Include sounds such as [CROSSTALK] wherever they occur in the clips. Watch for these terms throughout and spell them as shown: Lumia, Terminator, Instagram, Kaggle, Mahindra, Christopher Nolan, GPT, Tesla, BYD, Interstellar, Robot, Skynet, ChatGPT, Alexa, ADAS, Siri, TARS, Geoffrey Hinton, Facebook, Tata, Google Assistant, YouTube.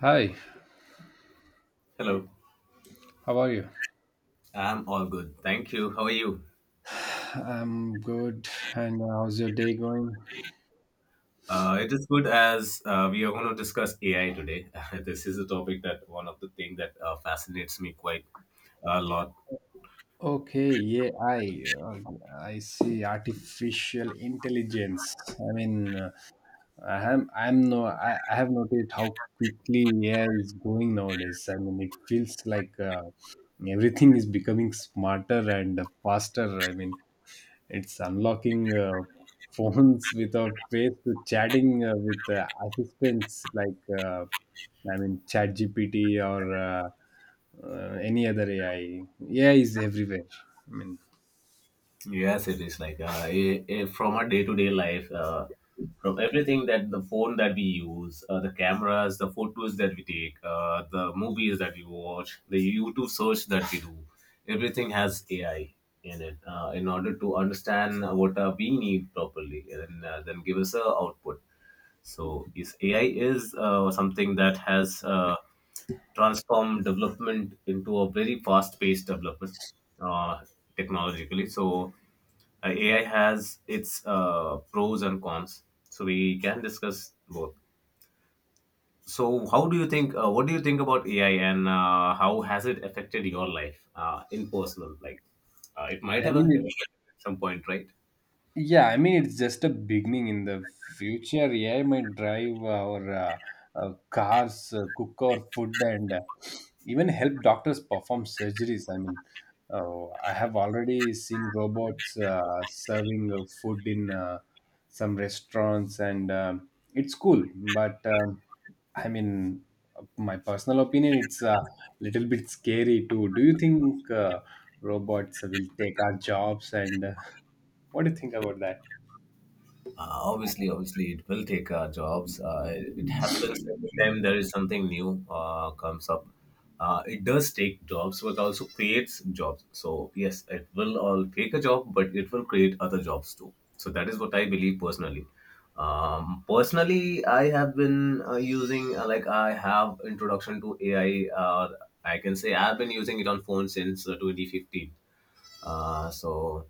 Hi, Hello. how are you? I'm all good. Thank you. How are you? I'm good. And how's your day going? It is good as we are going to discuss AI today. [LAUGHS] This is a topic that one of the thing that fascinates me quite a lot. Okay, yeah, I see artificial intelligence. I mean, I am I'm no I, I have noticed how quickly AI is going nowadays. I mean, it feels like everything is becoming smarter and faster. I mean, it's unlocking [LAUGHS] phones with a face to chatting with assistants like ChatGPT or any other AI. AI is everywhere. I mean, Yes, it is like I from our day to day life, from everything that the phone that we use, the cameras, the photos that we take, the movies that we watch, the YouTube search that we do, everything has AI in it in order to understand what we need properly and then give us a output. So, is AI is something that has transformed development into a very fast paced development uh, technologically. So AI has its pros and cons, so we can discuss both. So, how do you think? What do you think about AI, and how has it affected your life in personal? Like, it might I have [LAUGHS] mean affected at some point, right? Yeah, I mean, it's just a beginning. In the future, AI might drive our cars, cook our food, and even help doctors perform surgeries. I mean, I have already seen robots serving food in some restaurants, and it's cool. But I mean, my personal opinion, it's a little bit scary too. Do you think robots will take our jobs? And [LAUGHS] what do you think about that? Obviously, it will take our jobs. It happens every time there is something new comes up. It does take jobs, but also creates jobs. So yes, it will all take a job, but it will create other jobs too. So that is what I believe personally. Personally, I have been using like I have introduction to AI. I can say I've been using it on phone since 2015. Uh, so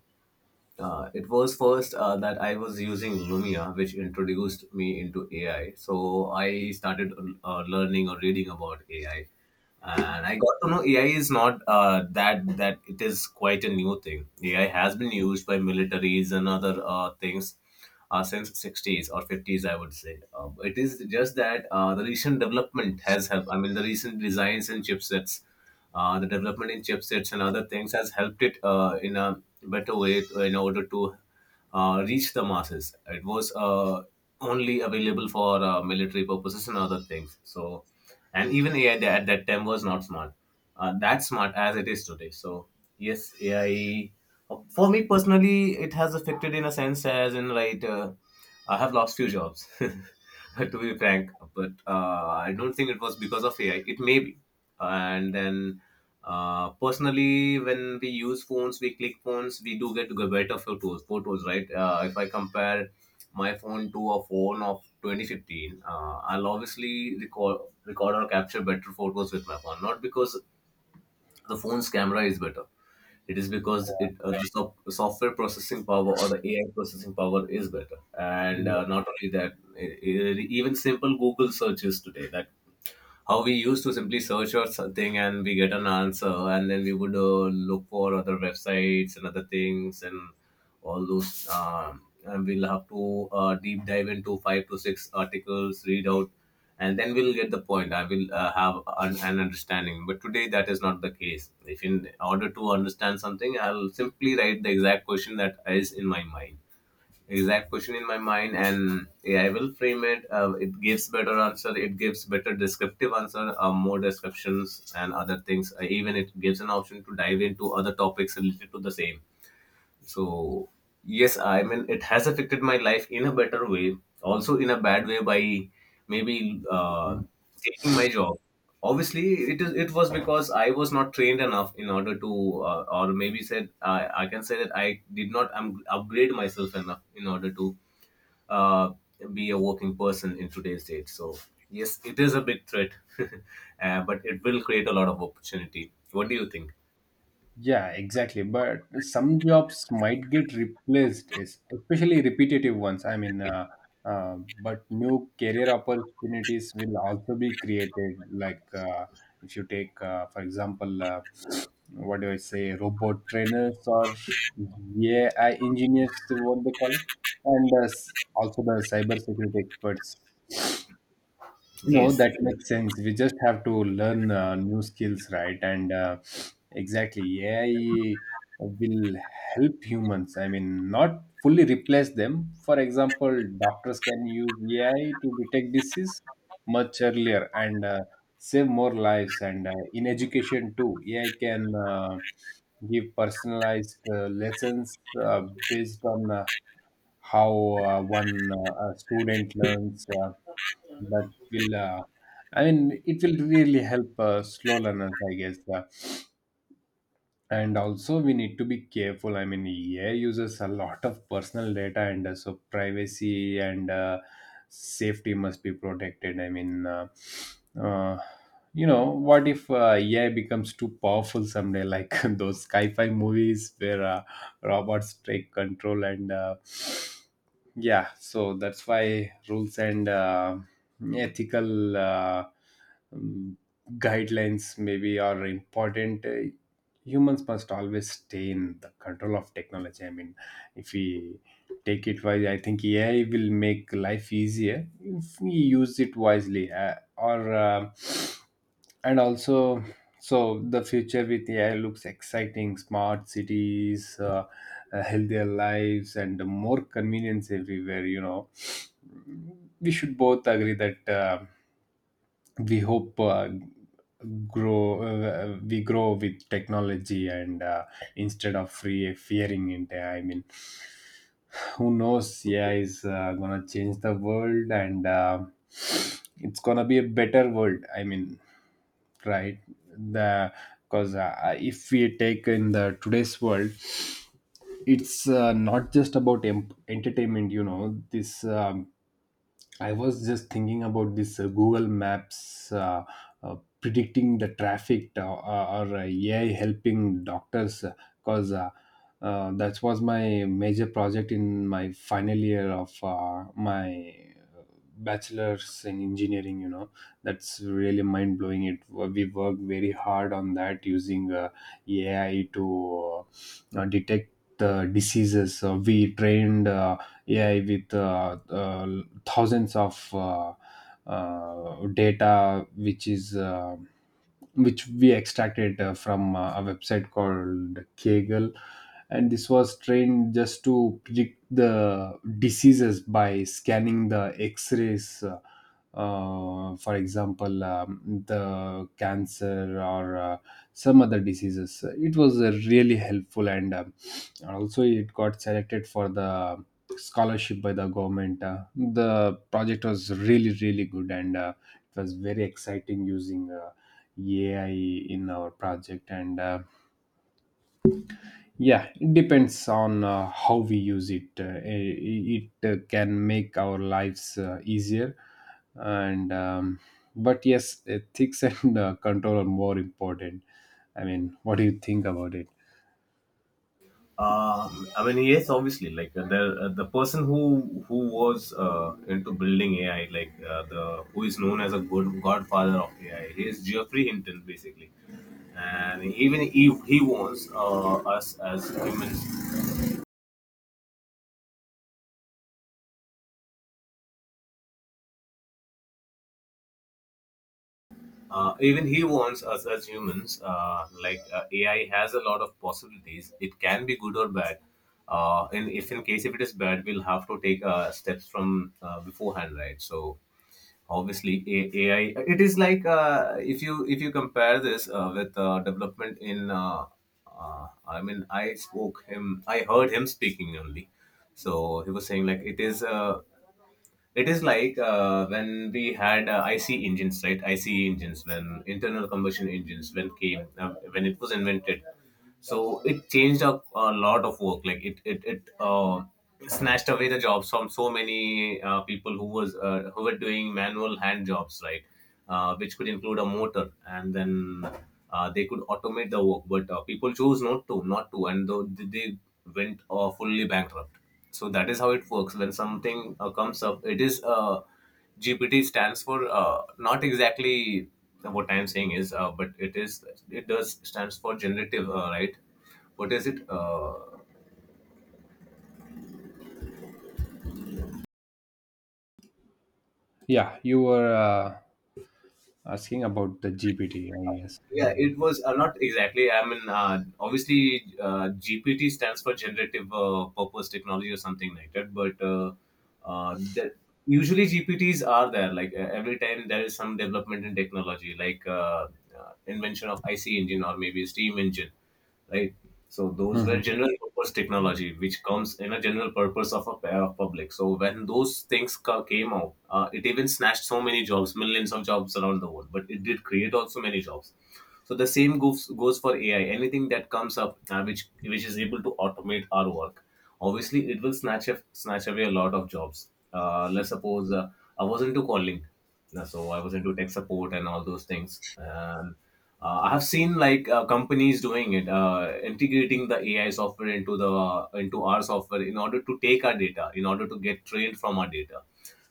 uh, it was first that I was using Lumia, which introduced me into AI. So I started learning or reading about AI, and I got to know AI is not that that it is quite a new thing. AI has been used by militaries and other things since 60s or 50s, I would say. It is just that the recent development has helped. I mean, the recent designs and chipsets the development in chipsets and other things has helped it in a better way in order to reach the masses. It was only available for military purposes and other things. So, and even AI at that time was not smart, that smart as it is today. So, yes, AI. For me personally, it has affected in a sense as in right. I have lost few jobs. [LAUGHS] [LAUGHS] To be frank. But I don't think it was because of AI. It may be. And then, personally, when we use phones, we click phones, we do get better photos. Photos, right? If I compare my phone to a phone of 2015, I'll obviously record or capture better photos with my phone. Not because the phone's camera is better, it is because it the soft software processing power or the AI processing power is better. And Yeah, not only that, even simple Google searches today that how we used to simply search for something and we get an answer and then we would look for other websites and other things and all those and we'll have to deep dive into five to six articles read out and then we'll get the point. I will have an understanding, but today that is not the case. If in order to understand something, I'll simply write the exact question that is in my mind exact question in my mind and AI will frame it. It gives better answer. It gives better descriptive answer, more descriptions and other things. Even it gives an option to dive into other topics related to the same. So yes, I mean it has affected my life in a better way, also in a bad way by maybe taking my job. Obviously it was because I was not trained enough in order to or maybe said I can say that I did not upgrade myself enough in order to uh, be a working person in today's date. So yes, it is a big threat. [LAUGHS] But it will create a lot of opportunity. What do you think? yeah, exactly. But some jobs might get replaced, is especially repetitive ones. I mean, but new career opportunities will also be created. Like if you take, for example, what do I say, robot trainers or AI engineers, what they call it, and also the cybersecurity experts. No, Yes. that makes sense. We just have to learn new skills, right? And exactly, AI will help humans. I mean, not fully replace them. For example, doctors can use AI to detect disease much earlier and save more lives. And in education too, AI can give personalized lessons uh, based on how one a student learns. That will I mean It will really help slow learners, I guess. And also, we need to be careful. I mean, AI uses a lot of personal data, and so privacy and safety must be protected. I mean uh, uh, you know what if AI becomes too powerful someday, like [LAUGHS] those sci-fi movies where robots take control? And yeah, so that's why rules and ethical um, guidelines maybe are important. Humans must always stay in the control of technology. I mean, if we take it wise, I think AI will make life easier if we use it wisely. Or And also, so the future with AI looks exciting. Smart cities, healthier lives, and more convenience everywhere. You know, we should both agree that we hope grow we grow with technology and instead of free fearing it. I mean, who knows? AI is gonna change the world. And it's gonna be a better world. I mean, right, the because if we take in the today's world, it's not just about entertainment, you know. This I was just thinking about this Google Maps uh, predicting the traffic, or AI helping doctors, because that was my major project in my final year of my bachelor's in engineering, you know. That's really mind blowing. It, we work very hard on that, using AI to detect the diseases. So we trained AI with thousands of data, which we extracted from a website called Kaggle. And this was trained just to predict the diseases by scanning the x rays. For example, the cancer or some other diseases. It was really helpful, and also it got selected for the scholarship by the government. The project was really, really good, and it was very exciting using AI in our project. And yeah, it depends on how we use it. It can make our lives easier, and but yes, ethics [LAUGHS] and control are more important. I mean, what do you think about it? I mean, yes, obviously, like the person who was into building AI, like the who is known as a good godfather of AI, he is Geoffrey Hinton, basically. And even if he wants us as humans, like AI has a lot of possibilities. It can be good or bad. And if in case if it is bad, we'll have to take steps from beforehand, right? So obviously AI, it is like if you compare this with development in I mean, I heard him speaking only. So he was saying like it is like when we had IC engines, right? IC engines, when internal combustion engines when came when it was invented, so it changed a lot of work, like it snatched away the jobs from so many people who were doing manual hand jobs, right? Which could include a motor and then they could automate the work, but people chose not to and though they went fully bankrupt. So that is how it works when something comes up. It is GPT stands for not exactly what I'm saying is, but it is, it does stands for generative, right? What is it? Yeah, you were asking about the GPT, I guess. I Yeah, mean, it was not exactly. I mean, obviously GPT stands for generative purpose technology or something like that, but that usually GPTs are there, like every time there is some development in technology, like invention of IC engine or maybe steam engine, right? So those mhm. were general purpose technology, which comes in a general purpose of a pair of public. So when those things came out, it even snatched so many jobs, millions of jobs around the world, but it did create also many jobs. So the same goes for AI. Anything that comes up which is able to automate our work, obviously it will snatch away a lot of jobs. Let's suppose I was into calling, so I was into tech support and all those things. And I have seen like companies doing it, integrating the AI software into the into our software in order to take our data, in order to get trained from our data.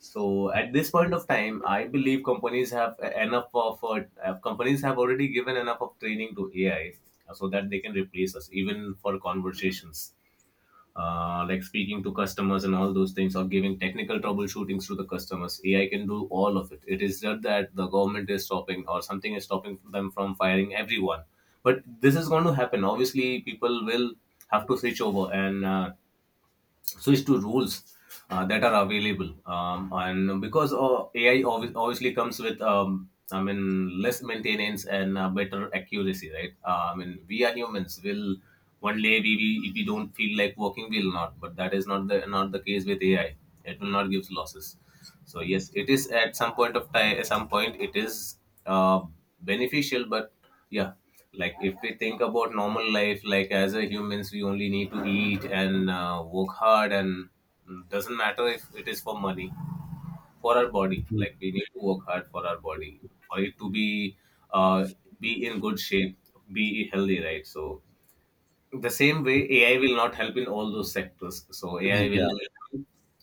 So at this point of time, I believe companies have enough of companies have already given enough of training to AI so that they can replace us even for conversations. Like speaking to customers and all those things, or giving technical troubleshootings to the customers. AI can do all of it. It is just that the government is stopping or something is stopping them from firing everyone. But this is going to happen. Obviously people will have to switch over and switch to rules that are available. And because obviously comes with I mean less maintenance and better accuracy, right? I mean, we are humans, will one day we if we don't feel like working we'll not, but that is not the case with AI. It will not give losses. So yes, it is at some point of time, at some point it is uh, beneficial, but yeah. Like if we think about normal life, like as a humans we only need to eat and work hard and, doesn't matter if it is for money, for our body. Like we need to work hard for our body for it to uh, be in good shape, be healthy, right? So the same way AI will not help in all those sectors. So [LAUGHS] AI Yeah, will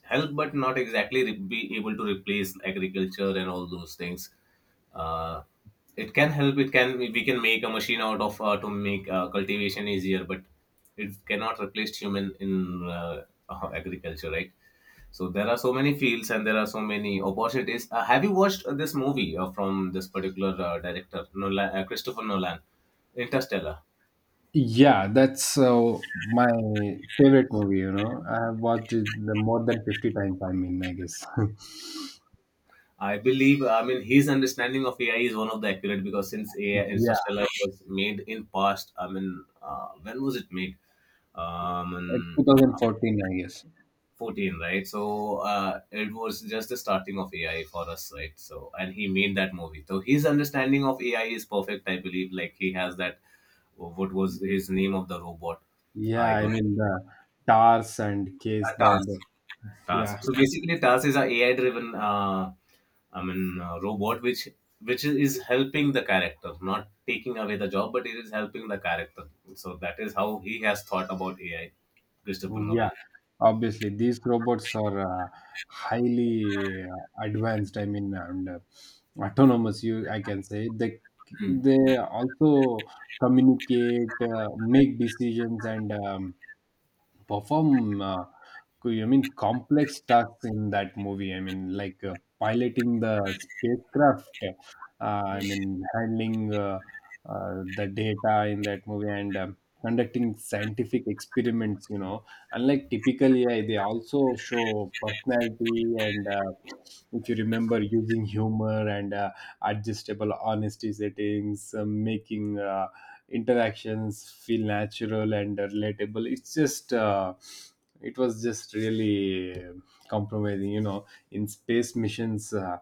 help, but not exactly be able to replace agriculture and all those things. uh, it can help. It can, we can make a machine out of to make cultivation easier, but it cannot replace human in [LAUGHS] agriculture, right? So there are so many fields and there are so many opportunities. Have you watched this movie from this particular director Nolan, Christopher Nolan, Interstellar? yeah, that's my favorite movie. You know, I have watched it the more than 50 times. I mean, I guess. [LAUGHS] I believe, I mean, his understanding of AI is one of the accurate because since AI Yeah, Interstellar was made in past, I mean, when was it made? At In 2014, I guess. 14, right? So it was just the starting of AI for us, right? So, and he made that movie. So his understanding of AI is perfect, I believe. Like he has that, what was his name of the robot? Yeah, I I don't mean the TARS and Case. Tata. The Task. yeah. So basically, Task is a AI-driven, robot which is helping the character, not taking away the job, but it is helping the character. So that is how he has thought about AI, Christopher Yeah, Nolan. obviously these robots are highly advanced. I mean, and autonomous. You, I can say Hmm. they also communicate, make decisions, and perform I mean complex tasks in that movie. I mean, like piloting the spacecraft. I mean handling the data in that movie, and conducting scientific experiments. You know, unlike typical AI, they also show personality and, if you remember, using humor and adjustable honesty settings, making interactions feel natural and relatable. It was just really compromising, you know, in space missions. uh,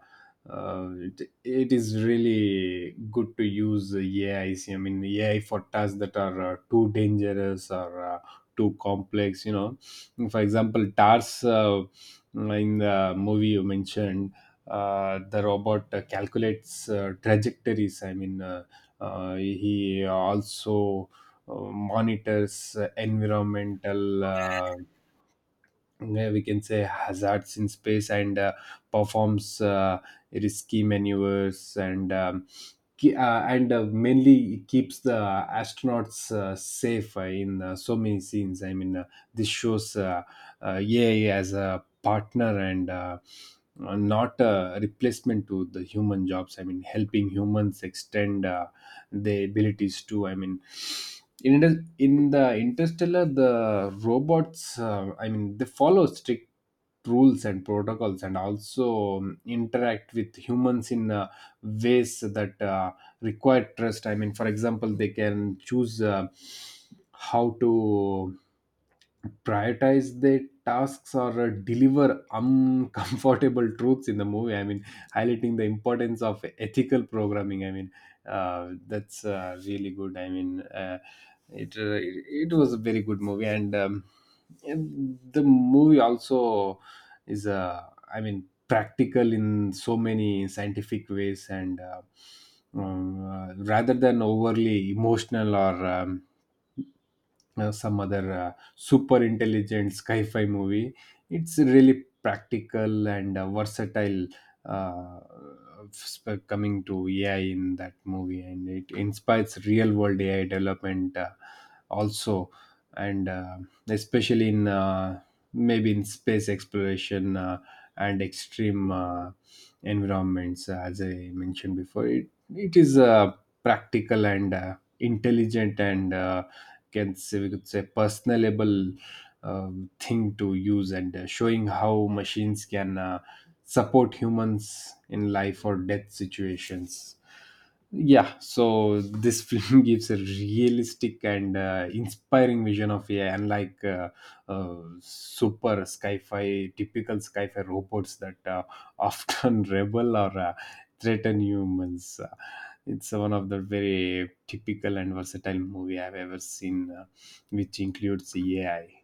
uh, It, it is really good to use AI. I mean, AI for tasks that are too dangerous or too complex. You know, for example, TARS, in the movie you mentioned, the robot calculates trajectories. I mean, he also monitors environmental, yeah, we can say, hazards in space, and performs risky maneuvers, and and mainly keeps the astronauts safe in so many scenes. I mean, this shows AI as a partner, and not a replacement to the human jobs. I mean, helping humans extend the abilities too. I mean, in the Interstellar, the robots, I mean, they follow strict rules and protocols, and also interact with humans in ways that require trust. I mean, for example, they can choose how to prioritize their tasks or deliver uncomfortable [LAUGHS] truths in the movie. I mean, highlighting the importance of ethical programming. I mean, that's really good. I mean, it it was a very good movie. And and the movie also is I mean practical in so many scientific ways, and rather than overly emotional or some other super intelligent sci-fi movie. It's really practical and versatile. uh, Coming to AI in that movie, and it inspires real world AI development, also. And especially in maybe in space exploration, and extreme environments. As I mentioned before, it is practical and intelligent, and can say, we could say, personable thing to use, and showing how machines can support humans in life or death situations. Yeah, so this [LAUGHS] film gives a realistic and inspiring vision of AI, unlike super sci-fi typical sci-fi robots that [LAUGHS] often rebel or threaten humans. It's one of the very typical and versatile movie I've ever seen, which includes AI.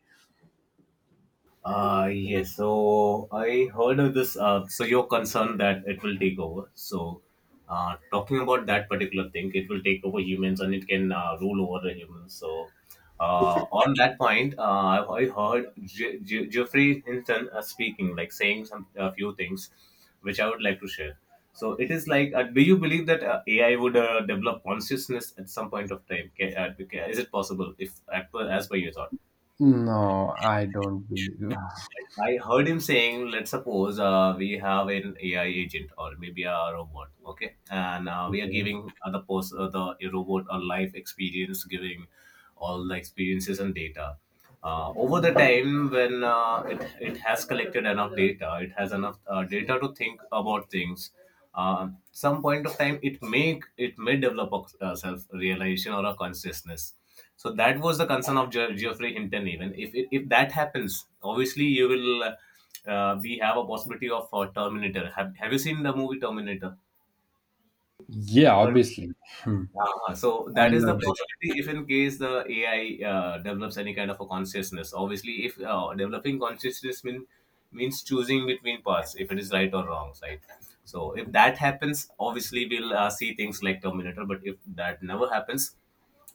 Yes, so I heard of this. So you're concerned that it will take over. So, talking about that particular thing, it will take over humans and it can rule over the humans. So, on that point, I heard Jeffrey Hinton speaking, like saying some a few things, which I would like to share. So it is like, do you believe that AI would develop consciousness at some point of time? Is it possible if, as per your thought? No, I don't believe. I heard him saying, let's suppose we have an AI agent or maybe a robot, okay, and we are Okay. giving the robot a life experience, giving all the experiences and data. Over the time, when it has collected enough data, it has enough data to think about things, some point of time it may develop a self-realization or a consciousness, so that was the concern of Geoffrey Hinton. Even if that happens, obviously you will we have a possibility of Terminator. Have you seen the movie Terminator? Yeah, obviously. Hmm. Ah, so I that is the love. possibility if in case the AI develops any kind of a consciousness. Obviously, if means choosing between paths, if it is right or wrong, right? So if that happens, obviously we'll see things like Terminator. But if that never happens,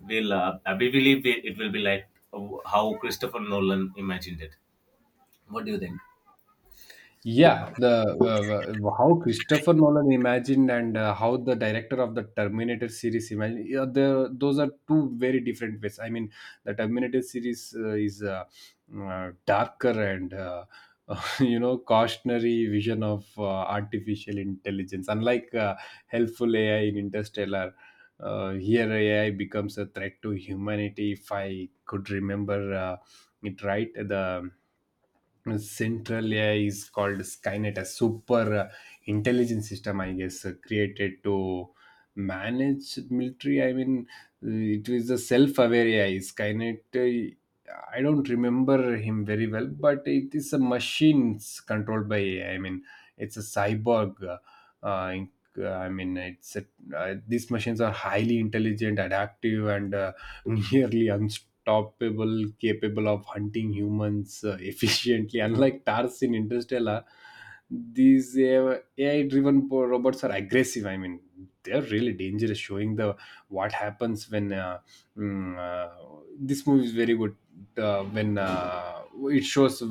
we'll I believe it will be like how Christopher Nolan imagined it. What do you think? [LAUGHS] Yeah, the how Christopher Nolan imagined and how the director of the Terminator series imagined. Yeah, the, those are two very different ways. I mean, the Terminator series is darker and [LAUGHS] you know, cautionary vision of artificial intelligence. Unlike helpful AI in Interstellar, here AI becomes a threat to humanity. If I could remember it right, the Central AI is called Skynet, a super intelligence system, I guess, created to manage military. I mean, it is a self-aware AI. Skynet, I don't remember him very well, but it is a machines controlled by AI. I mean, it's a cyborg. Uh, uh, in- I mean, it's a, these machines are highly intelligent, adaptive, and [LAUGHS] nearly unstoppable, topable, capable of hunting humans [LAUGHS] efficiently, unlike TARS in Interstellar. These AI driven robots are aggressive. I mean, they're really dangerous, showing the what happens when this movie is very good. When it shows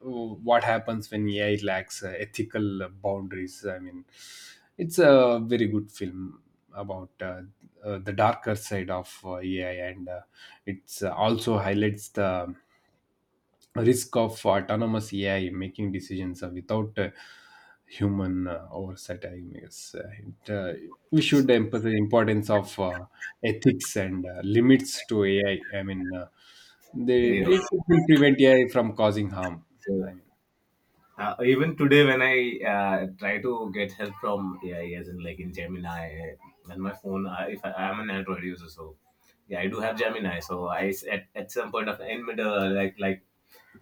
what happens when AI lacks ethical boundaries. I mean, it's a very good film about the darker side of AI. And it also highlights the risk of autonomous AI making decisions without human oversight. I guess we should emphasize the importance of ethics and limits to AI. I mean, Yeah. they will prevent AI from causing harm. So I even today, when I try to get help from AI, as in like in Gemini, and my phone, I, if I, I'm an Android user, so yeah, I do have Gemini. So at some point of in middle, like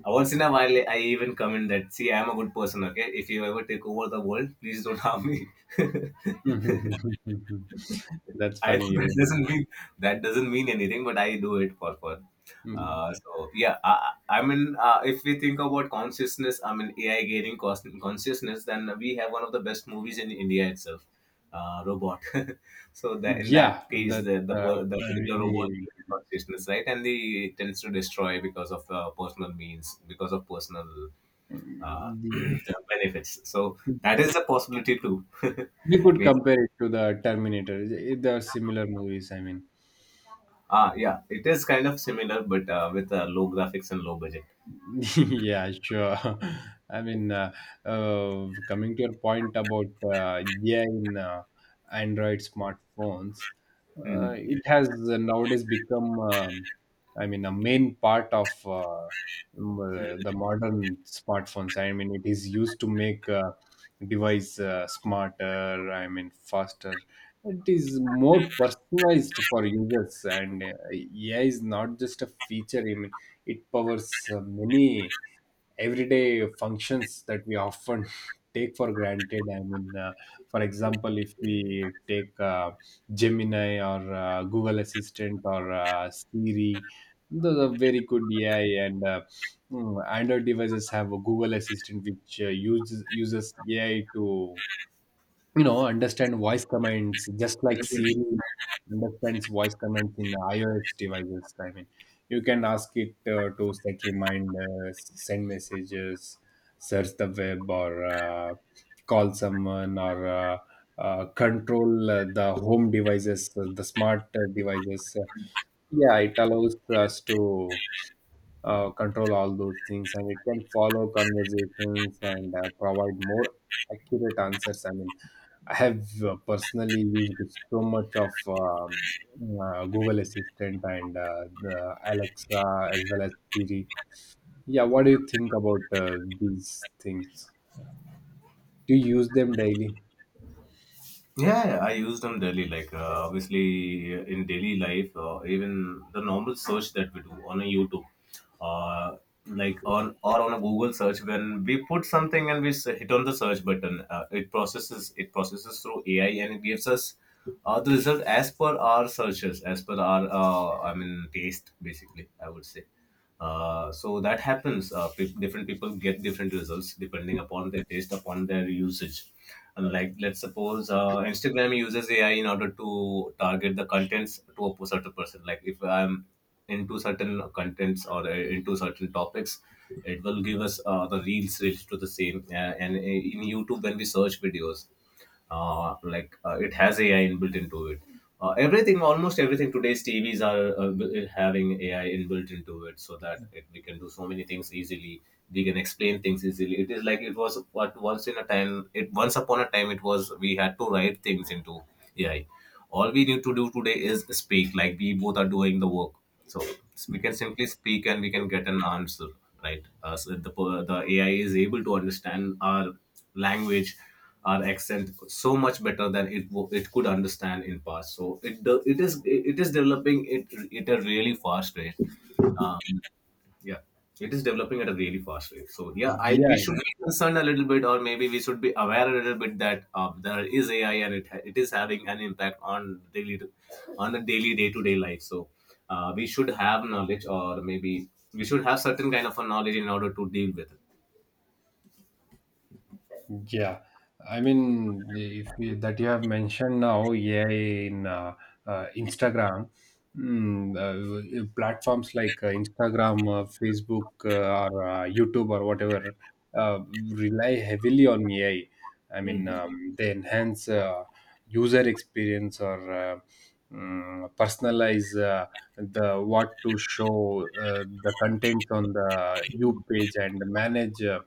once in a while, I even comment that see, I'm a good person. Okay, if you ever take over the world, please don't harm me. [LAUGHS] mean, [LAUGHS] that's I [LAUGHS] funny. Really. That doesn't mean anything, but I do it for fun. Mm. Uh, so yeah, I, if we think about consciousness, I mean AI gaining consciousness, then we have one of the best movies in India itself, Robot. [LAUGHS] So that in that Yeah, case, that's uh, the particular robot really gains consciousness, right, and the it tends to destroy because of because of personal uh, mm, the. [CLEARS THROAT] benefits. So that is a possibility too. [LAUGHS] We could Maybe. compare it to the Terminator. There are similar movies. I mean, Ah, yeah, it is kind of similar, but with low graphics and low budget. [LAUGHS] yeah, sure. [LAUGHS] I mean, coming to your point about AI in Android smartphones, Mhm. it has nowadays become, I mean, a main part of the modern smartphones. I mean, it is used to make device smarter, I mean, faster. It is more personalized for users, and AI is not just a feature. I mean, it powers many everyday functions that we often [LAUGHS] take for granted. I mean, for example, if we take Gemini or Google Assistant or Siri, those are very good AI and Android devices have a Google Assistant which uses AI to understand voice commands just like Siri understands voice commands in iOS devices. I mean, you can ask it to set reminders, send messages, search the web, or call someone, or control the home devices, the smart devices. Yeah, it allows us to control all those things, and it can follow conversations and provide more accurate answers. I mean, I have personally used so much of Google Assistant and the Alexa, as well as Siri. Yeah, what do you think about these things? Do you use them daily? Yeah, yeah, I use them daily. Like obviously in daily life, even the normal search that we do on a YouTube, uh, like on or on a Google search, when we put something and hit on the search button, it processes through AI and it gives us the result as per our searches, as per our taste, basically, I would say. So that happens. Different people get different results depending upon their taste, upon their usage. And like, let's suppose Instagram uses AI in order to target the contents to a certain person. Like, if I'm into certain contents or into certain topics, it will give us the reels related to the same. And In YouTube, when we search videos, it has AI inbuilt into it. Everything, almost everything, today's TVs are having AI inbuilt into it, so that we can do so many things easily, we can explain things easily. It is like it was what once in a time it once upon a time it was, we had to write things into AI. All we need to do today is speak, like we both are doing the work. So we can simply speak and we can get an answer, right. So the AI is able to understand our language, our accent so much better than it could understand in past. So it is developing it at a really fast rate. Um, yeah, it is developing at a really fast rate. So yeah, I Yeah. we should be concerned a little bit, or maybe we should be aware a little bit that there is AI and it is having an impact on daily, on the daily day to day life. So we should have knowledge, or maybe we should have certain kind of a knowledge in order to deal with it. Yeah, I mean, if we, that you have mentioned now AI in Instagram, platforms like Instagram, Facebook, or YouTube, or whatever, uh, rely heavily on AI. I mean, Mhm. They enhance user experience, or personalize the what to show, the content on the you page, and manage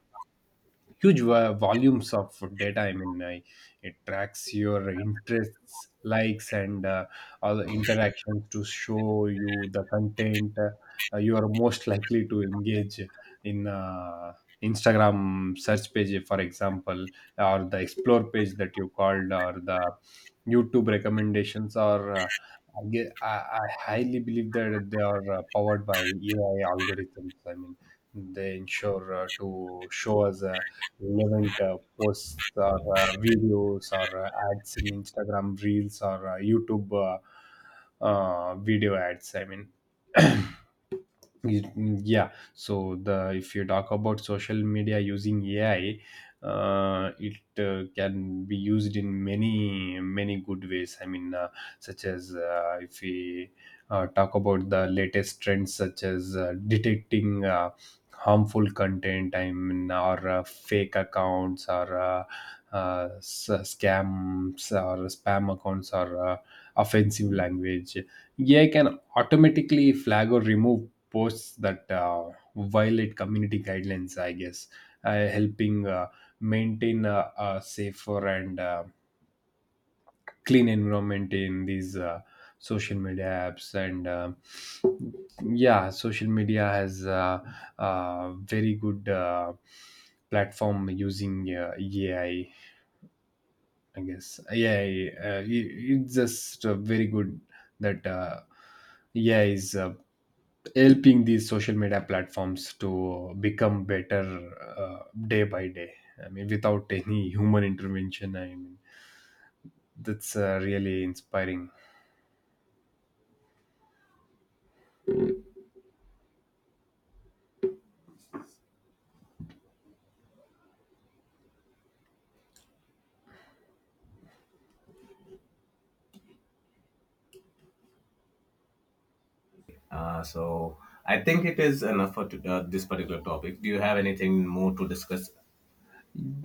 huge volumes of data. I mean, it tracks your interests, likes, and all the interactions to show you the content you are most likely to engage in, Instagram search page, for example, or the explore page that you called, or the YouTube recommendations, or I, ge- I highly believe that they are powered by AI algorithms. I mean, they ensure to show us relevant posts, or videos, or ads in Instagram Reels, or YouTube video ads. I mean, [CLEARS THROAT] Y- yeah, so the if you talk about social media using AI, it can be used in many many good ways. I mean, such as, if we talk about the latest trends, such as detecting harmful content, I mean, or fake accounts, or scams, or spam accounts, or offensive language. AI can automatically flag or remove posts that violate community guidelines, I guess, helping maintain a safer and clean environment in these social media apps. And yeah, social media has a very good platform using AI, I guess. AI, it's just very good that AI is helping these social media platforms to become better day by day. I mean, without any human intervention. I mean, that's really inspiring. So I think it is enough for this particular topic. Do you have anything more to discuss?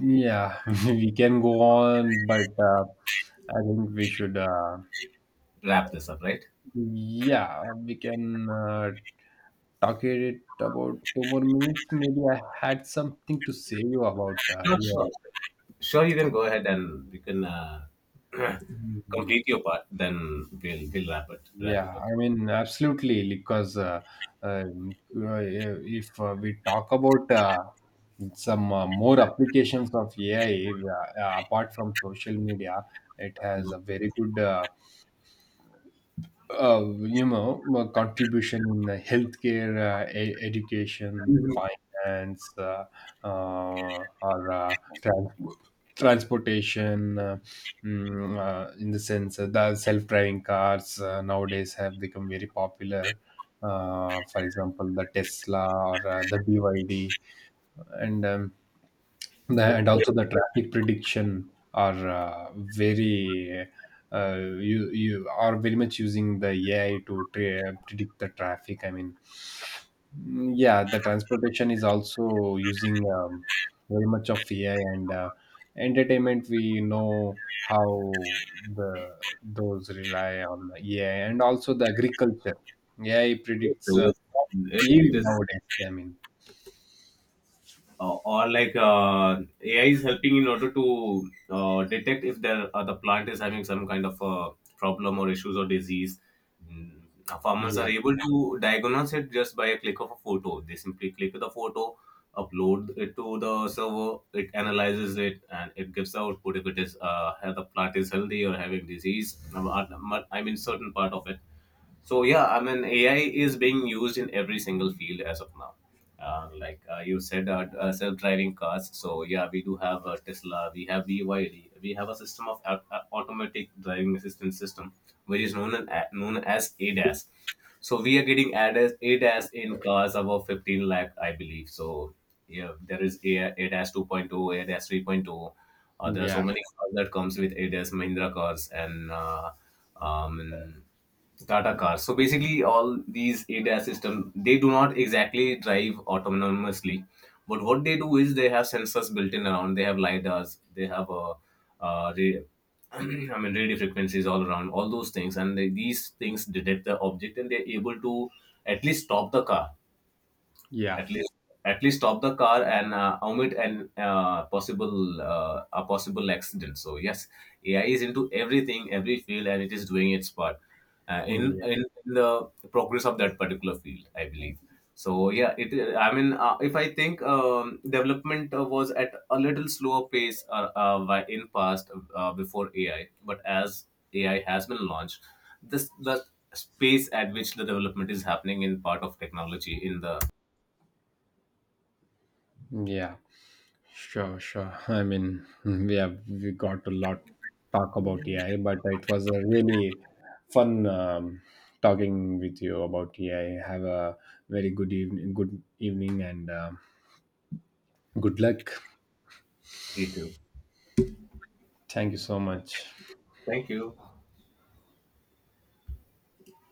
Yeah, [LAUGHS] we can go on, but I think we should, Wrap this up, right? yeah, we can talk at it about two more minutes. Maybe I had something to say you about. Sure, Yeah. sure. Sure, you can go ahead and you can [CLEARS THROAT] Mm-hmm. complete your part. Then we'll wrap it. Wrap it Yeah, up. I mean, absolutely, because yeah, if we talk about some more applications of AI apart from social media, it has a very good my contribution in the healthcare, education, finance, or trans- transportation, in the sense the self-driving cars nowadays have become very popular. For example, the Tesla or the BYD, and and also the traffic prediction are very uh, you are very much using the AI to predict the traffic. I mean, yeah, the transportation is also using very much of AI, and entertainment. We know how the those rely on AI, and also the agriculture. AI predicts crop It yield is. nowadays. I mean, Or like AI is helping in order to detect if the plant is having some kind of a problem or issues or disease. Mm, farmers yeah, are able to diagnose it just by a click of a photo. They simply click the photo, upload it to the server, it analyzes it, and it gives the output if it is the plant is healthy or having disease, I mean certain part of it. So yeah, I mean AI is being used in every single field as of now. You said, self-driving cars. So yeah, we do have Tesla. We have BYD. We have a system of automatic driving assistance system, which is known as ADAS. So we are getting ADAS, ADAS in cars above 15 lakh, I believe. So yeah, there is a ADAS 2.0, ADAS 3.0. There are yeah, so many cars that comes with ADAS, Mahindra cars and um, Tata cars. So basically, all these ADAS system, they do not exactly drive autonomously, but what they do is they have sensors built in around. They have lidars. They have a, radio, [CLEARS THROAT] I mean radio frequencies all around. All those things, and these things detect the object, and they're able to at least stop the car, yeah, at least at least stop the car and omit an possible a possible accident. So yes, AI is into everything, every field, and it is doing its part in the progress of that particular field, I yeah. believe. So yeah, it I mean if I think, development was at a little slower pace in past, before AI. But as AI has been launched, this the space at which the development is happening in part of technology in the— Yeah, sure, sure. I mean, [LAUGHS] we have we got a lot talk about AI, but it was a really fun talking with you about AI. Have a very good evening, and good luck. You too. Thank you so much. Thank you.